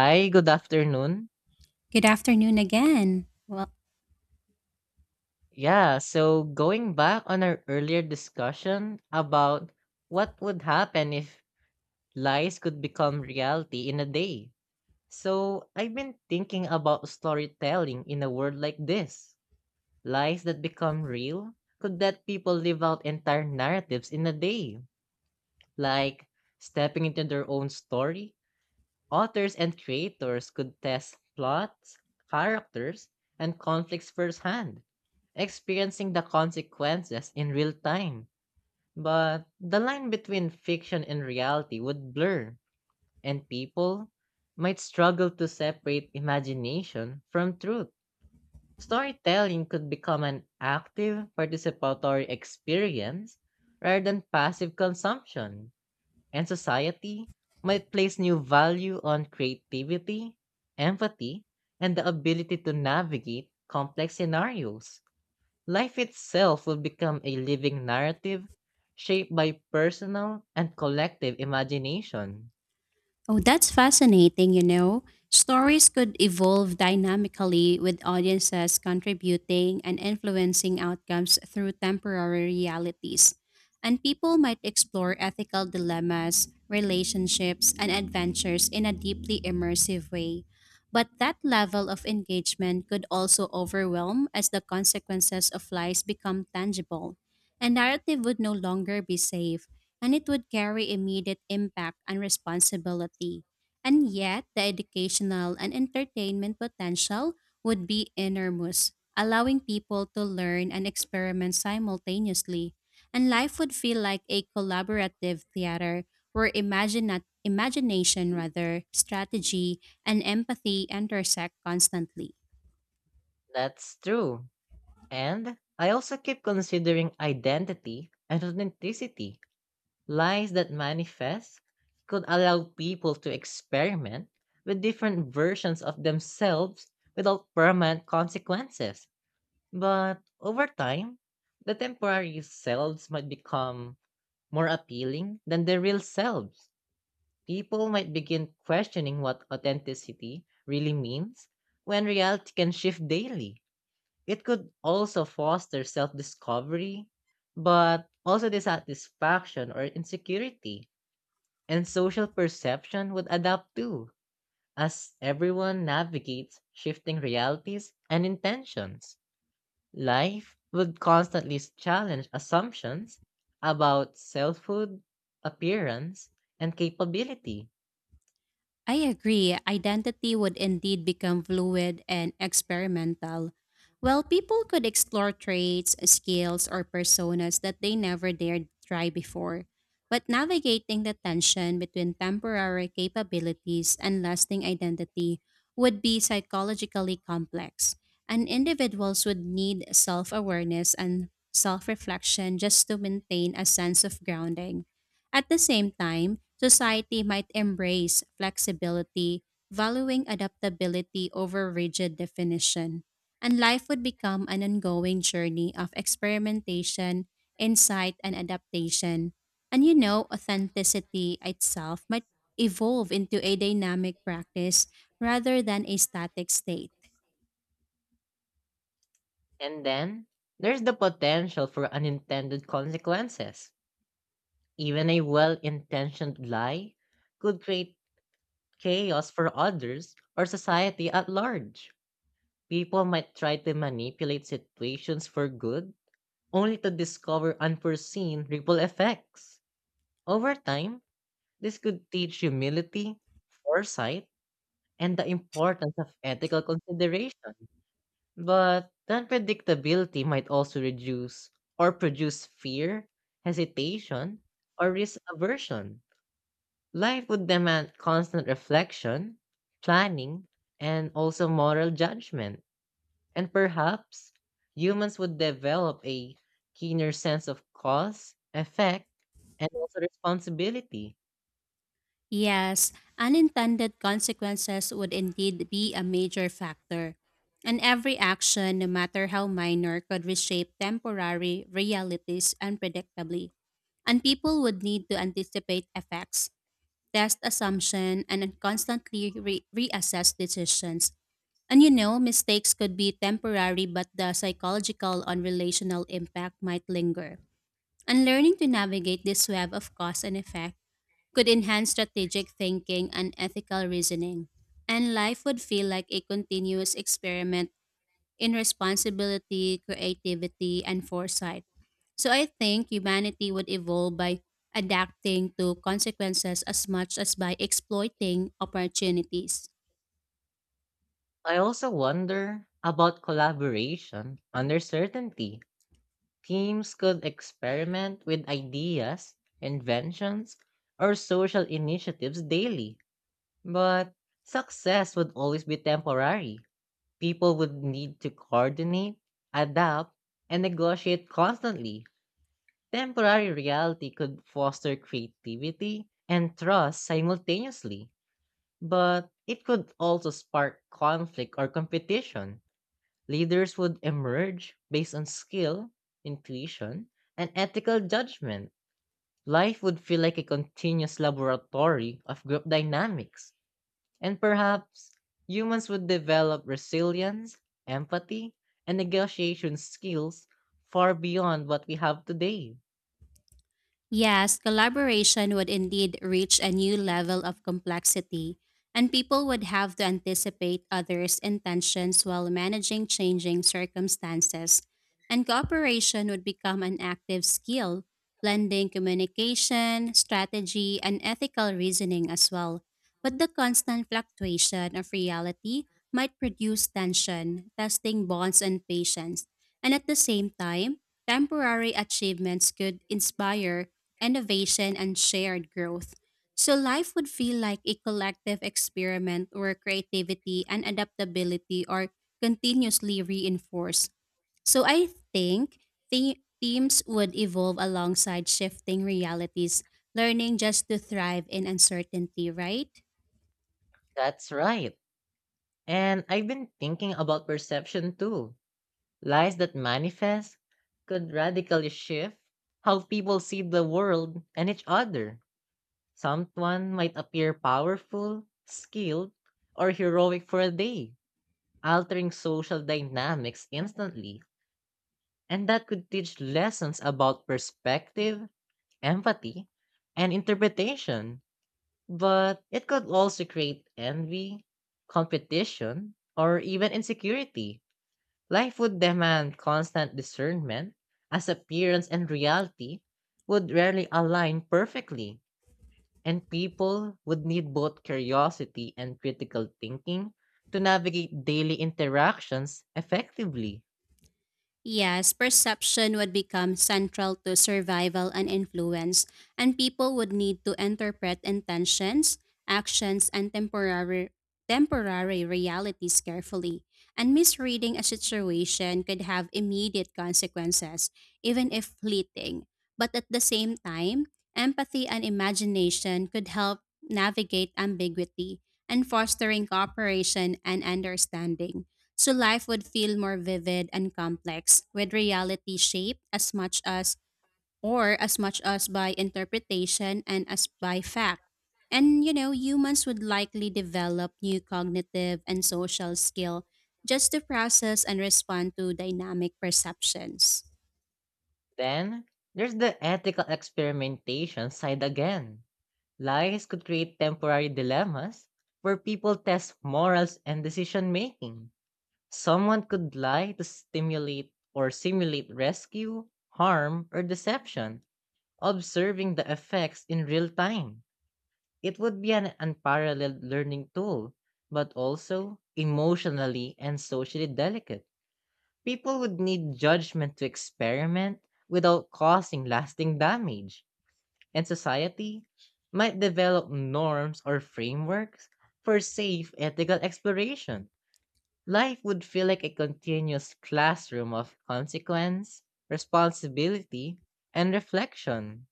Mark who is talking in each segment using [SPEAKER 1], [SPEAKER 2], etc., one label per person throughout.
[SPEAKER 1] Hi, good afternoon.
[SPEAKER 2] Good afternoon again. Well,
[SPEAKER 1] Yeah, so going back on our earlier discussion about what would happen if lies could become reality in a day. So I've been thinking about storytelling in a world like this. Lies that become real could let people live out entire narratives in a day, like stepping into their own story. Authors and creators could test plots, characters, and conflicts firsthand, experiencing the consequences in real time. But the line between fiction and reality would blur, and people might struggle to separate imagination from truth. Storytelling could become an active participatory experience rather than passive consumption, and society might place new value on creativity, empathy, and the ability to navigate complex scenarios. Life itself will become a living narrative shaped by personal and collective imagination.
[SPEAKER 2] oh, that's fascinating, you know. Stories could evolve dynamically with audiences contributing and influencing outcomes through temporary realities. And people might explore ethical dilemmas, relationships, and adventures in a deeply immersive way. But that level of engagement could also overwhelm as the consequences of lies become tangible, and narrative would no longer be safe, and it would carry immediate impact and responsibility. And yet, the educational and entertainment potential would be enormous, allowing people to learn and experiment simultaneously. And life would feel like a collaborative theater where imagination, rather, strategy, and empathy intersect constantly.
[SPEAKER 1] That's true. And I also keep considering identity and authenticity. Lies that manifest could allow people to experiment with different versions of themselves without permanent consequences. But over time, the temporary selves might become more appealing than the real selves. People might begin questioning what authenticity really means when reality can shift daily. It could also foster self discovery, but also dissatisfaction or insecurity, and social perception would adapt too, as everyone navigates shifting realities and intentions. Life would constantly challenge assumptions about selfhood, appearance, and capability.
[SPEAKER 2] I agree. Identity would indeed become fluid and experimental. Well, people could explore traits, skills, or personas that they never dared try before. But navigating the tension between temporary capabilities and lasting identity would be psychologically complex, and individuals would need self awareness and self reflection just to maintain a sense of grounding. At the same time, society might embrace flexibility, valuing adaptability over rigid definition, and life would become an ongoing journey of experimentation, insight, and adaptation. And you know, authenticity itself might evolve into a dynamic practice rather than a static state.
[SPEAKER 1] And then there's the potential for unintended consequences. Even a well intentioned lie could create chaos for others or society at large. People might try to manipulate situations for good, only to discover unforeseen ripple effects. Over time, this could teach humility, foresight, and the importance of ethical consideration. But the unpredictability might also reduce or produce fear, hesitation, or risk aversion. Life would demand constant reflection, planning, and also moral judgment. And perhaps humans would develop a keener sense of cause, effect, and also responsibility.
[SPEAKER 2] Yes, unintended consequences would indeed be a major factor. And every action, no matter how minor, could reshape temporary realities unpredictably. And people would need to anticipate effects, test assumption, and then constantly reassess decisions. And you know, mistakes could be temporary, but the psychological and relational impact might linger. And learning to navigate this web of cause and effect could enhance strategic thinking and ethical reasoning. And life would feel like a continuous experiment in responsibility, creativity, and foresight. So I think humanity would evolve by adapting to consequences as much as by exploiting opportunities.
[SPEAKER 1] I also wonder about collaboration under certainty. Teams could experiment with ideas, inventions, or social initiatives daily, but success would always be temporary. People would need to coordinate, adapt, and negotiate constantly. Temporary reality could foster creativity and trust simultaneously, but it could also spark conflict or competition. Leaders would emerge based on skill, intuition, and ethical judgment. Life would feel like a continuous laboratory of group dynamics, and perhaps humans would develop resilience, empathy, and negotiation skills far beyond what we have today.
[SPEAKER 2] Yes, collaboration would indeed reach a new level of complexity, and people would have to anticipate others' intentions while managing changing circumstances. And cooperation would become an active skill, blending communication, strategy, and ethical reasoning as well. But the constant fluctuation of reality might produce tension, testing bonds and patience. And at the same time, temporary achievements could inspire innovation and shared growth. So life would feel like a collective experiment where creativity and adaptability are continuously reinforced. So I think the teams would evolve alongside shifting realities, learning just to thrive in uncertainty, right?
[SPEAKER 1] That's right. And I've been thinking about perception too. Lies that manifest could radically shift how people see the world and each other. Someone might appear powerful, skilled, or heroic for a day, altering social dynamics instantly. And that could teach lessons about perspective, empathy, and interpretation. But it could also create envy, competition, or even insecurity. Life would demand constant discernment, as appearance and reality would rarely align perfectly, and people would need both curiosity and critical thinking to navigate daily interactions effectively.
[SPEAKER 2] Yes, perception would become central to survival and influence, and people would need to interpret intentions, actions, and temporary realities carefully. And misreading a situation could have immediate consequences, even if fleeting. But at the same time, empathy and imagination could help navigate ambiguity and fostering cooperation and understanding. So life would feel more vivid and complex, with reality shaped as much as or as much as by interpretation and as by fact. And you know, humans would likely develop new cognitive and social skill just to process and respond to dynamic perceptions.
[SPEAKER 1] Then, there's the ethical experimentation side again. Lies could create temporary dilemmas where people test morals and decision making. Someone could lie to stimulate or simulate rescue, harm, or deception, observing the effects in real time. It would be an unparalleled learning tool, but also emotionally and socially delicate. People would need judgment to experiment without causing lasting damage, and society might develop norms or frameworks for safe ethical exploration. Life would feel like a continuous classroom of consequence, responsibility, and reflection.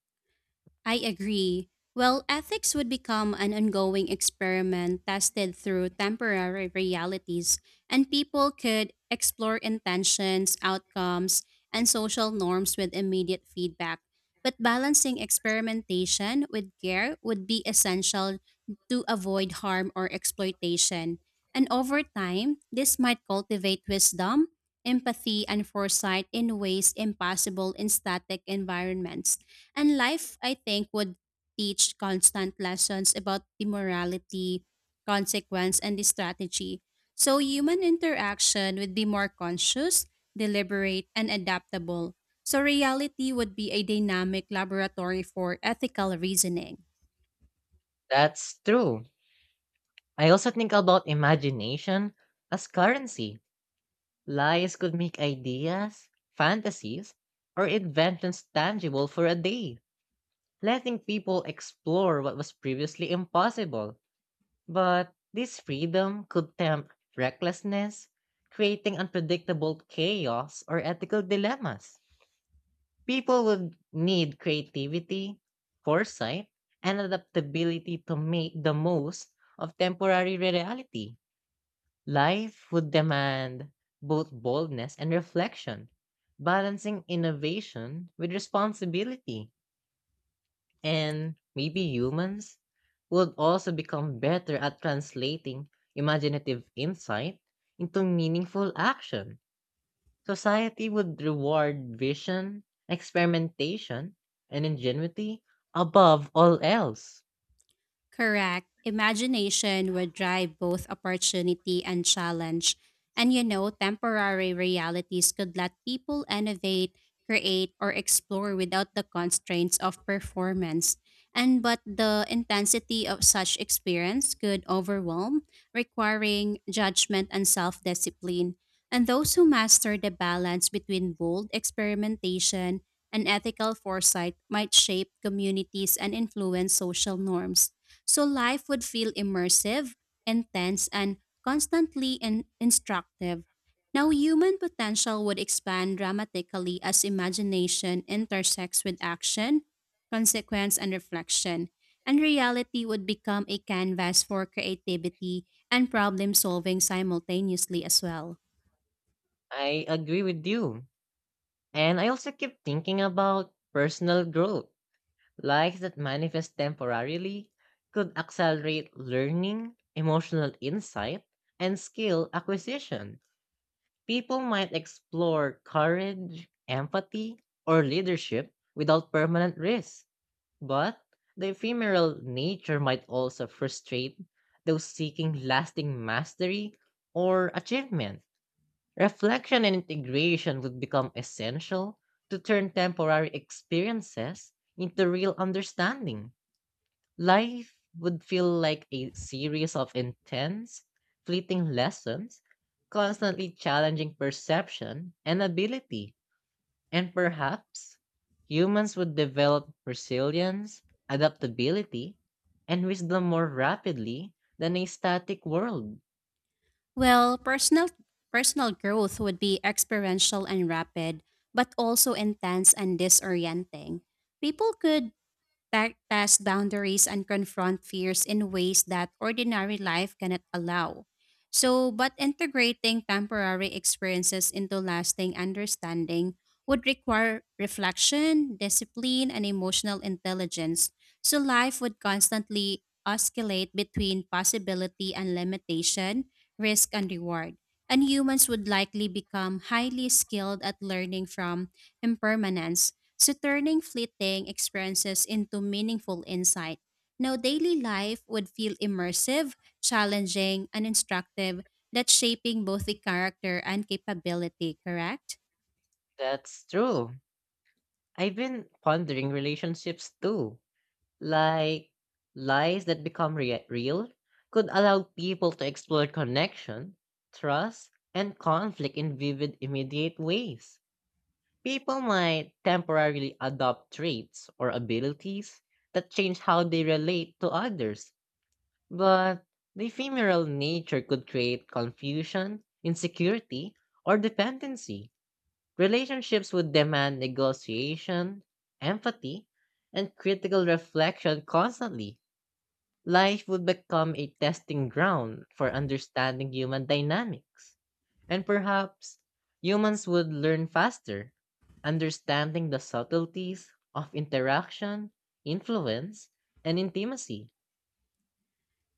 [SPEAKER 2] I agree. Well, ethics would become an ongoing experiment tested through temporary realities, and people could explore intentions, outcomes, and social norms with immediate feedback. But balancing experimentation with care would be essential to avoid harm or exploitation. And over time, this might cultivate wisdom, empathy, and foresight in ways impossible in static environments. And life, I think, would teach constant lessons about the morality, consequence, and the strategy. So human interaction would be more conscious, deliberate, and adaptable. So reality would be a dynamic laboratory for ethical reasoning.
[SPEAKER 1] That's true. I also think about imagination as currency. Lies could make ideas, fantasies, or inventions tangible for a day, letting people explore what was previously impossible. But this freedom could tempt recklessness, creating unpredictable chaos or ethical dilemmas. People would need creativity, foresight, and adaptability to make the most of temporary reality. Life would demand both boldness and reflection, balancing innovation with responsibility. And maybe humans would also become better at translating imaginative insight into meaningful action. Society would reward vision, experimentation, and ingenuity above all else.
[SPEAKER 2] Correct. Imagination would drive both opportunity and challenge. And you know, temporary realities could let people innovate, create, or explore without the constraints of performance. And but the intensity of such experience could overwhelm, requiring judgment and self discipline. And those who master the balance between bold experimentation and ethical foresight might shape communities and influence social norms. So life would feel immersive, intense, and constantly instructive. Now, human potential would expand dramatically as imagination intersects with action, consequence, and reflection. And reality would become a canvas for creativity and problem solving simultaneously as well.
[SPEAKER 1] I agree with you. And I also keep thinking about personal growth. Likes that manifest temporarily could accelerate learning, emotional insight, and skill acquisition. People might explore courage, empathy, or leadership without permanent risk. But the ephemeral nature might also frustrate those seeking lasting mastery or achievement. Reflection and integration would become essential to turn temporary experiences into real understanding. Life would feel like a series of intense, fleeting lessons, constantly challenging perception and ability. And perhaps humans would develop resilience, adaptability, and wisdom more rapidly than a static world.
[SPEAKER 2] Well, personal growth would be experiential and rapid, but also intense and disorienting. People could test boundaries and confront fears in ways that ordinary life cannot allow. So, but integrating temporary experiences into lasting understanding would require reflection, discipline, and emotional intelligence. So, life would constantly oscillate between possibility and limitation, risk and reward. And humans would likely become highly skilled at learning from impermanence, so turning fleeting experiences into meaningful insight. Now, daily life would feel immersive, challenging, and instructive, that's shaping both the character and capability, correct?
[SPEAKER 1] That's true. I've been pondering relationships too. Like lies that become real could allow people to explore connection, trust, and conflict in vivid, immediate ways. People might temporarily adopt traits or abilities that change how they relate to others. But the ephemeral nature could create confusion, insecurity, or dependency. Relationships would demand negotiation, empathy, and critical reflection constantly. Life would become a testing ground for understanding human dynamics. And perhaps humans would learn faster, understanding the subtleties of interaction, influence, and intimacy.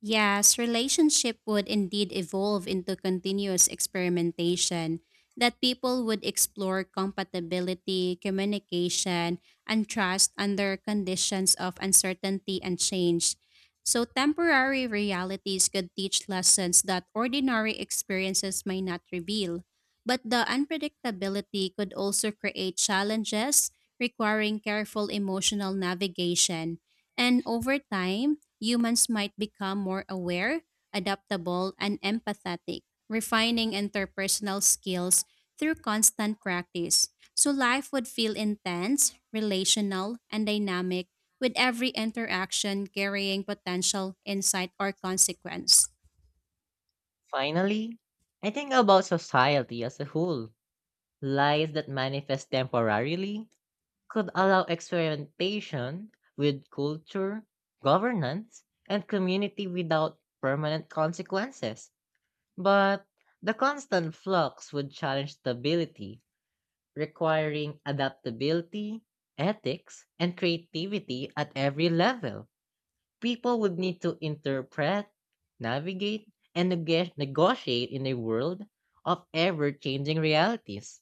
[SPEAKER 2] Yes, relationship would indeed evolve into continuous experimentation that people would explore compatibility, communication, and trust under conditions of uncertainty and change. So temporary realities could teach lessons that ordinary experiences may not reveal. But the unpredictability could also create challenges requiring careful emotional navigation. And over time, humans might become more aware, adaptable, and empathetic, refining interpersonal skills through constant practice. So life would feel intense, relational, and dynamic, with every interaction carrying potential insight or consequence.
[SPEAKER 1] Finally, I think about society as a whole. Lies that manifest temporarily could allow experimentation with culture, governance, and community without permanent consequences. But the constant flux would challenge stability, requiring adaptability, ethics, and creativity at every level. People would need to interpret, navigate, and negotiate in a world of ever changing realities.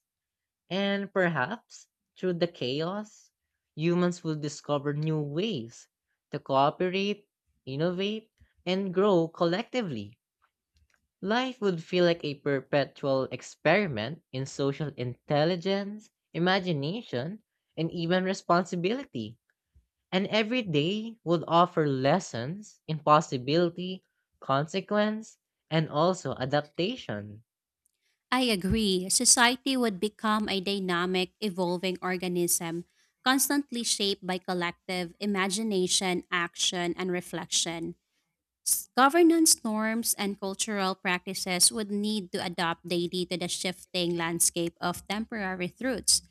[SPEAKER 1] And perhaps through the chaos, humans will discover new ways to cooperate, innovate, and grow collectively. Life would feel like a perpetual experiment in social intelligence, imagination, and even responsibility. And every day would offer lessons in possibility, consequence, and also adaptation.
[SPEAKER 2] I agree. Society would become a dynamic, evolving organism, constantly shaped by collective imagination, action, and reflection. Governance norms and cultural practices would need to adapt daily to the shifting landscape of temporary truths.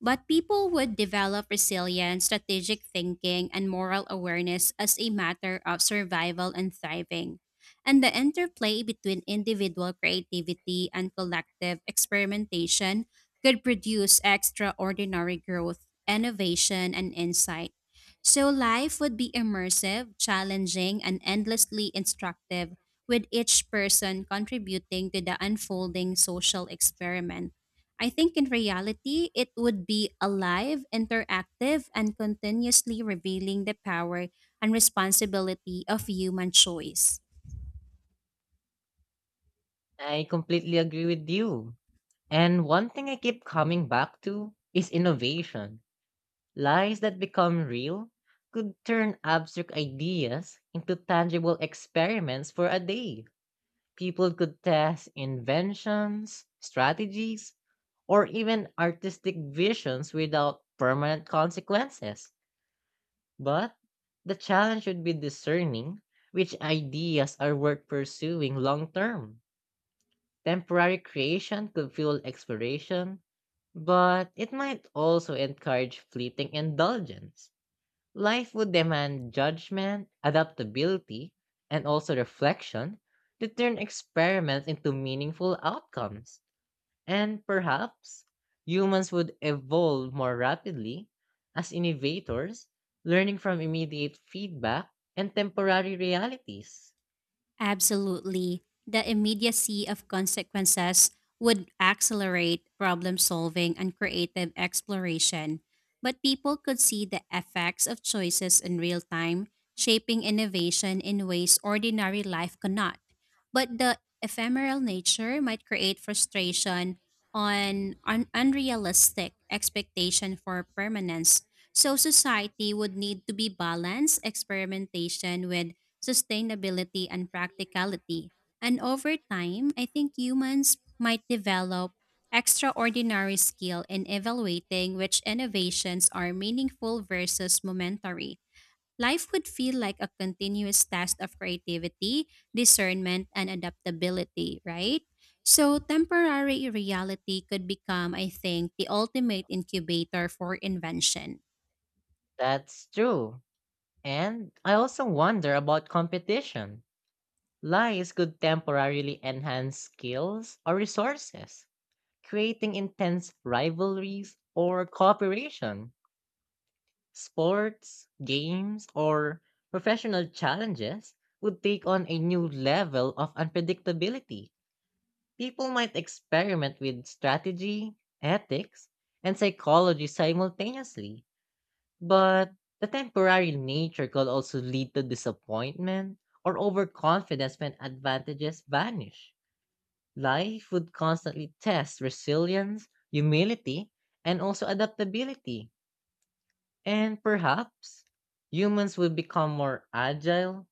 [SPEAKER 2] But people would develop resilience, strategic thinking, and moral awareness as a matter of survival and thriving. And the interplay between individual creativity and collective experimentation could produce extraordinary growth, innovation, and insight. So life would be immersive, challenging, and endlessly instructive, with each person contributing to the unfolding social experiment. I think in reality, it would be alive, interactive, and continuously revealing the power and responsibility of human choice.
[SPEAKER 1] I completely agree with you. And one thing I keep coming back to is innovation. Lies that become real could turn abstract ideas into tangible experiments for a day. People could test inventions, strategies, or even artistic visions without permanent consequences. But the challenge should be discerning which ideas are worth pursuing long term. Temporary creation could fuel exploration, but it might also encourage fleeting indulgence. Life would demand judgment, adaptability, and also reflection to turn experiments into meaningful outcomes. And perhaps humans would evolve more rapidly as innovators, learning from immediate feedback and temporary realities.
[SPEAKER 2] Absolutely. The immediacy of consequences would accelerate problem solving and creative exploration, but people could see the effects of choices in real time, shaping innovation in ways ordinary life cannot. But the ephemeral nature might create frustration on an unrealistic expectation for permanence. So society would need to be balanced experimentation with sustainability and practicality. And over time, I think humans might develop extraordinary skill in evaluating which innovations are meaningful versus momentary. Life would feel like a continuous task of creativity, discernment, and adaptability, right? So, temporary reality could become, I think, the ultimate incubator for invention.
[SPEAKER 1] That's true. And I also wonder about competition. Lies could temporarily enhance skills or resources, creating intense rivalries or cooperation. Sports, games, or professional challenges would take on a new level of unpredictability. People might experiment with strategy, ethics, and psychology simultaneously, but the temporary nature could also lead to disappointment or overconfidence when advantages vanish. Life would constantly test resilience, humility, and also adaptability, and perhaps humans will become more agile,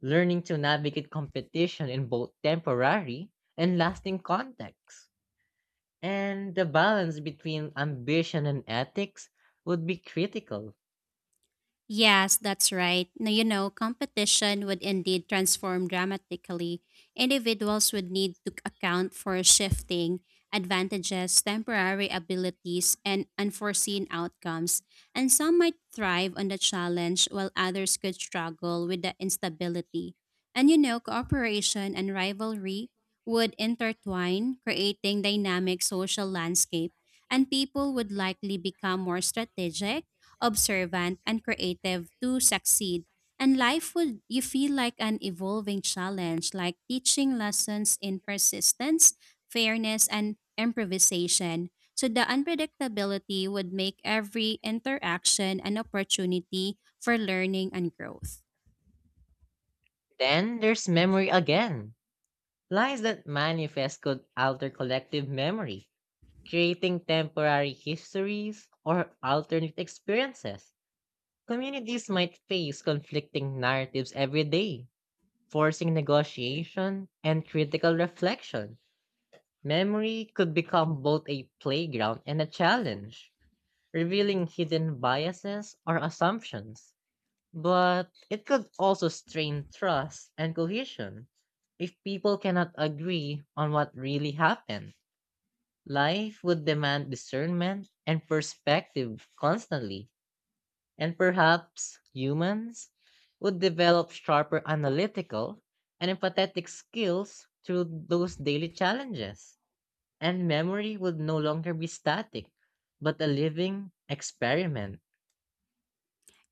[SPEAKER 1] learning to navigate competition in both temporary and lasting contexts. And the balance between ambition and ethics would be critical.
[SPEAKER 2] Yes, that's right. Now, you know, competition would indeed transform dramatically. Individuals would need to account for shifting advantages, temporary abilities, and unforeseen outcomes. And some might thrive on the challenge while others could struggle with the instability. And you know, cooperation and rivalry would intertwine, creating dynamic social landscape, and people would likely become more strategic, observant, and creative to succeed. And life would you feel like an evolving challenge, like teaching lessons in persistence, fairness, and improvisation. So the unpredictability would make every interaction an opportunity for learning and growth.
[SPEAKER 1] Then there's memory again. Lies that manifest could alter collective memory, creating temporary histories or alternate experiences. Communities might face conflicting narratives every day, forcing negotiation and critical reflection. Memory could become both a playground and a challenge, revealing hidden biases or assumptions. But it could also strain trust and cohesion if people cannot agree on what really happened. Life would demand discernment and perspective constantly. And perhaps humans would develop sharper analytical and empathetic skills through those daily challenges. And memory would no longer be static, but a living experiment.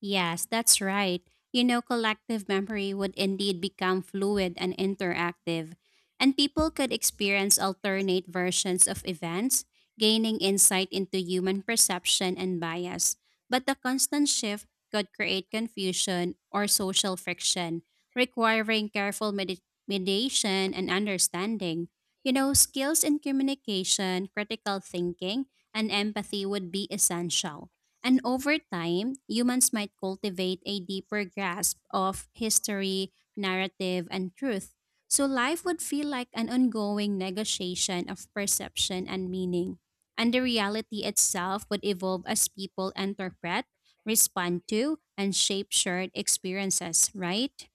[SPEAKER 2] Yes, that's right. You know, collective memory would indeed become fluid and interactive, and people could experience alternate versions of events, gaining insight into human perception and bias. But the constant shift could create confusion or social friction, requiring careful mediation and understanding. You know, skills in communication, critical thinking, and empathy would be essential, and over time, humans might cultivate a deeper grasp of history, narrative, and truth. So life would feel like an ongoing negotiation of perception and meaning. And the reality itself would evolve as people interpret, respond to, and shape shared experiences, right?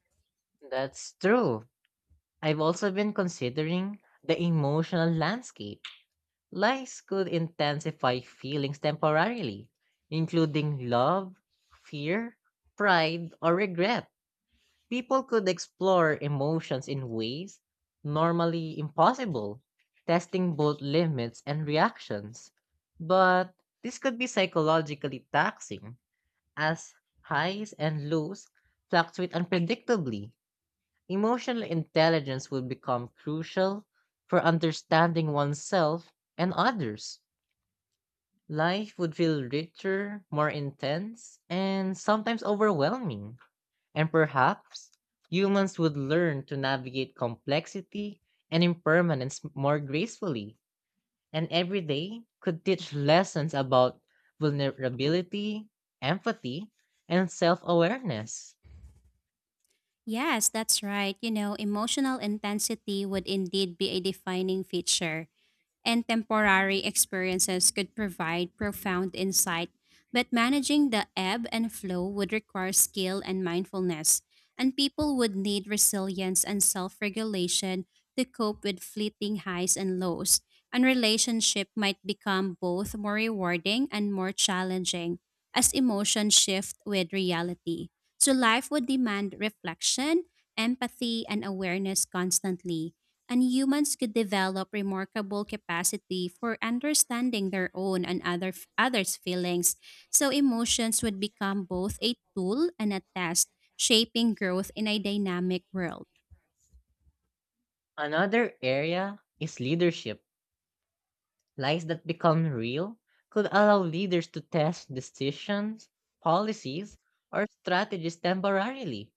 [SPEAKER 1] That's true. I've also been considering the emotional landscape. Lies could intensify feelings temporarily, including love, fear, pride, or regret. People could explore emotions in ways normally impossible, testing both limits and reactions. But this could be psychologically taxing, as highs and lows fluctuate unpredictably. Emotional intelligence would become crucial for understanding oneself and others. Life would feel richer, more intense, and sometimes overwhelming. And perhaps humans would learn to navigate complexity and impermanence more gracefully, and every day could teach lessons about vulnerability, empathy, and self awareness.
[SPEAKER 2] Yes, that's right. You know, emotional intensity would indeed be a defining feature, and temporary experiences could provide profound insight, but managing the ebb and flow would require skill and mindfulness, and people would need resilience and self regulation to cope with fleeting highs and lows. And relationship might become both more rewarding and more challenging as emotions shift with reality. So life would demand reflection, empathy, and awareness constantly, and humans could develop remarkable capacity for understanding their own and other others' feelings. So emotions would become both a tool and a test, shaping growth in a dynamic world.
[SPEAKER 1] Another area is leadership. Lies that become real could allow leaders to test decisions, policies, or strategies temporarily.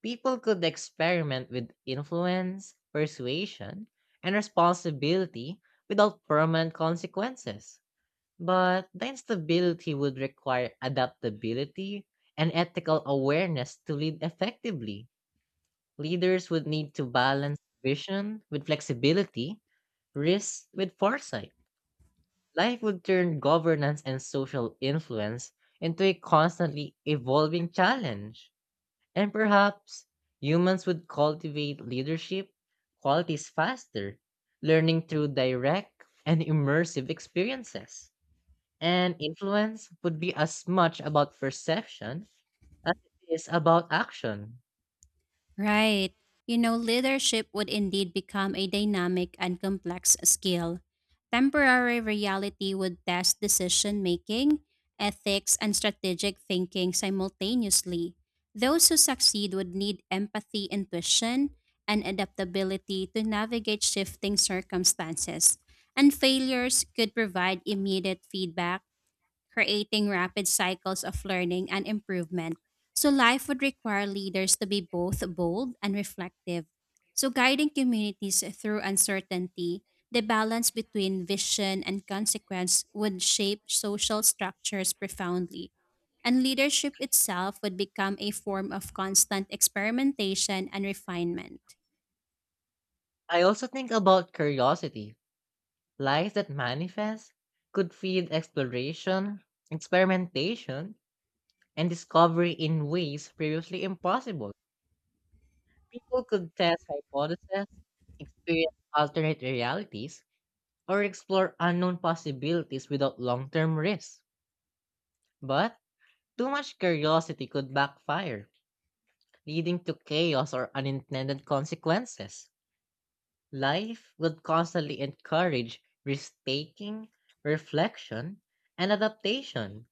[SPEAKER 1] People could experiment with influence, persuasion, and responsibility without permanent consequences. But the instability would require adaptability and ethical awareness to lead effectively. Leaders would need to balance vision with flexibility, risk with foresight. Life would turn governance and social influence into a constantly evolving challenge. And perhaps humans would cultivate leadership qualities faster, learning through direct and immersive experiences. And influence would be as much about perception as it is about action.
[SPEAKER 2] Right. You know, leadership would indeed become a dynamic and complex skill. Temporary reality would test decision making, ethics, and strategic thinking simultaneously. Those who succeed would need empathy, intuition, and adaptability to navigate shifting circumstances. And failures could provide immediate feedback, creating rapid cycles of learning and improvement. So, life would require leaders to be both bold and reflective. So, guiding communities through uncertainty, the balance between vision and consequence would shape social structures profoundly. And leadership itself would become a form of constant experimentation and refinement.
[SPEAKER 1] I also think about curiosity. Lives that manifest could feed exploration, experimentation, and discovery in ways previously impossible. People could test hypotheses, experience alternate realities, or explore unknown possibilities without long term risk. But too much curiosity could backfire, leading to chaos or unintended consequences. Life would constantly encourage risk taking, reflection, and adaptation.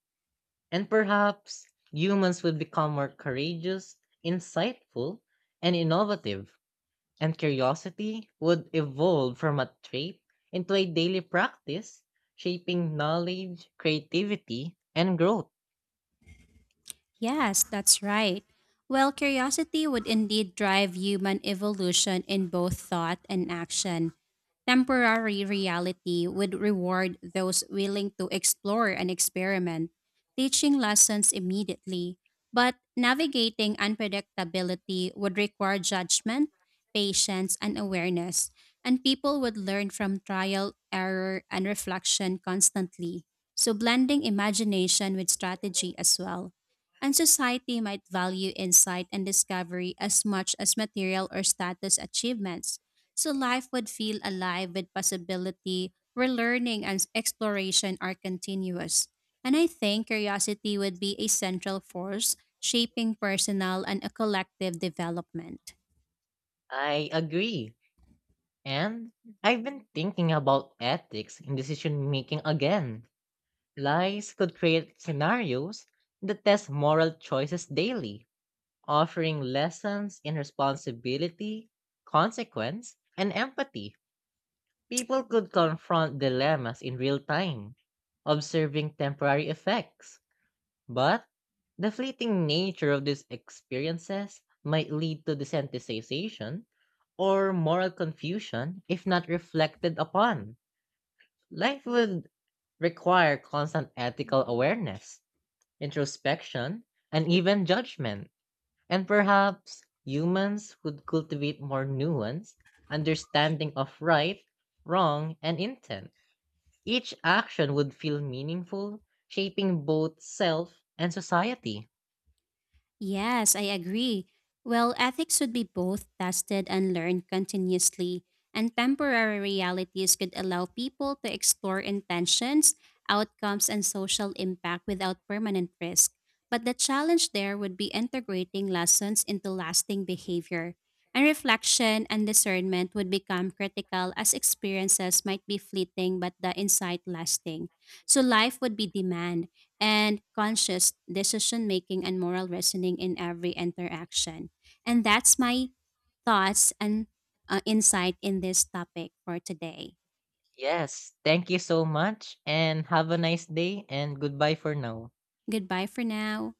[SPEAKER 1] And perhaps humans would become more courageous, insightful, and innovative, and curiosity would evolve from a trait into a daily practice, shaping knowledge, creativity, and growth.
[SPEAKER 2] Yes, that's right. Well, curiosity would indeed drive human evolution in both thought and action. Temporary reality would reward those willing to explore and experiment, teaching lessons immediately. But navigating unpredictability would require judgment, patience, and awareness, and people would learn from trial, error, and reflection constantly. So, blending imagination with strategy as well. And society might value insight and discovery as much as material or status achievements, so life would feel alive with possibility where learning and exploration are continuous. And I think curiosity would be a central force shaping personal and a collective development.
[SPEAKER 1] I agree. And I've been thinking about ethics in decision making again. Lies could create scenarios that test moral choices daily, offering lessons in responsibility, consequence, and empathy. People could confront dilemmas in real time, observing temporary effects. But the fleeting nature of these experiences might lead to desensitization or moral confusion if not reflected upon. Life would require constant ethical awareness, introspection, and even judgment. And perhaps humans would cultivate more nuance, understanding of right, wrong, and intent. Each action would feel meaningful, shaping both self and society.
[SPEAKER 2] Yes, I agree. Well, ethics should be both tested and learned continuously, and temporary realities could allow people to explore intentions, outcomes, and social impact without permanent risk. But the challenge there would be integrating lessons into lasting behavior. And reflection and discernment would become critical as experiences might be fleeting but the insight lasting. So life would be demand and conscious decision making and moral reasoning in every interaction. And that's my thoughts and insight in this topic for today.
[SPEAKER 1] Yes, thank you so much and have a nice day and goodbye for now.
[SPEAKER 2] Goodbye for now.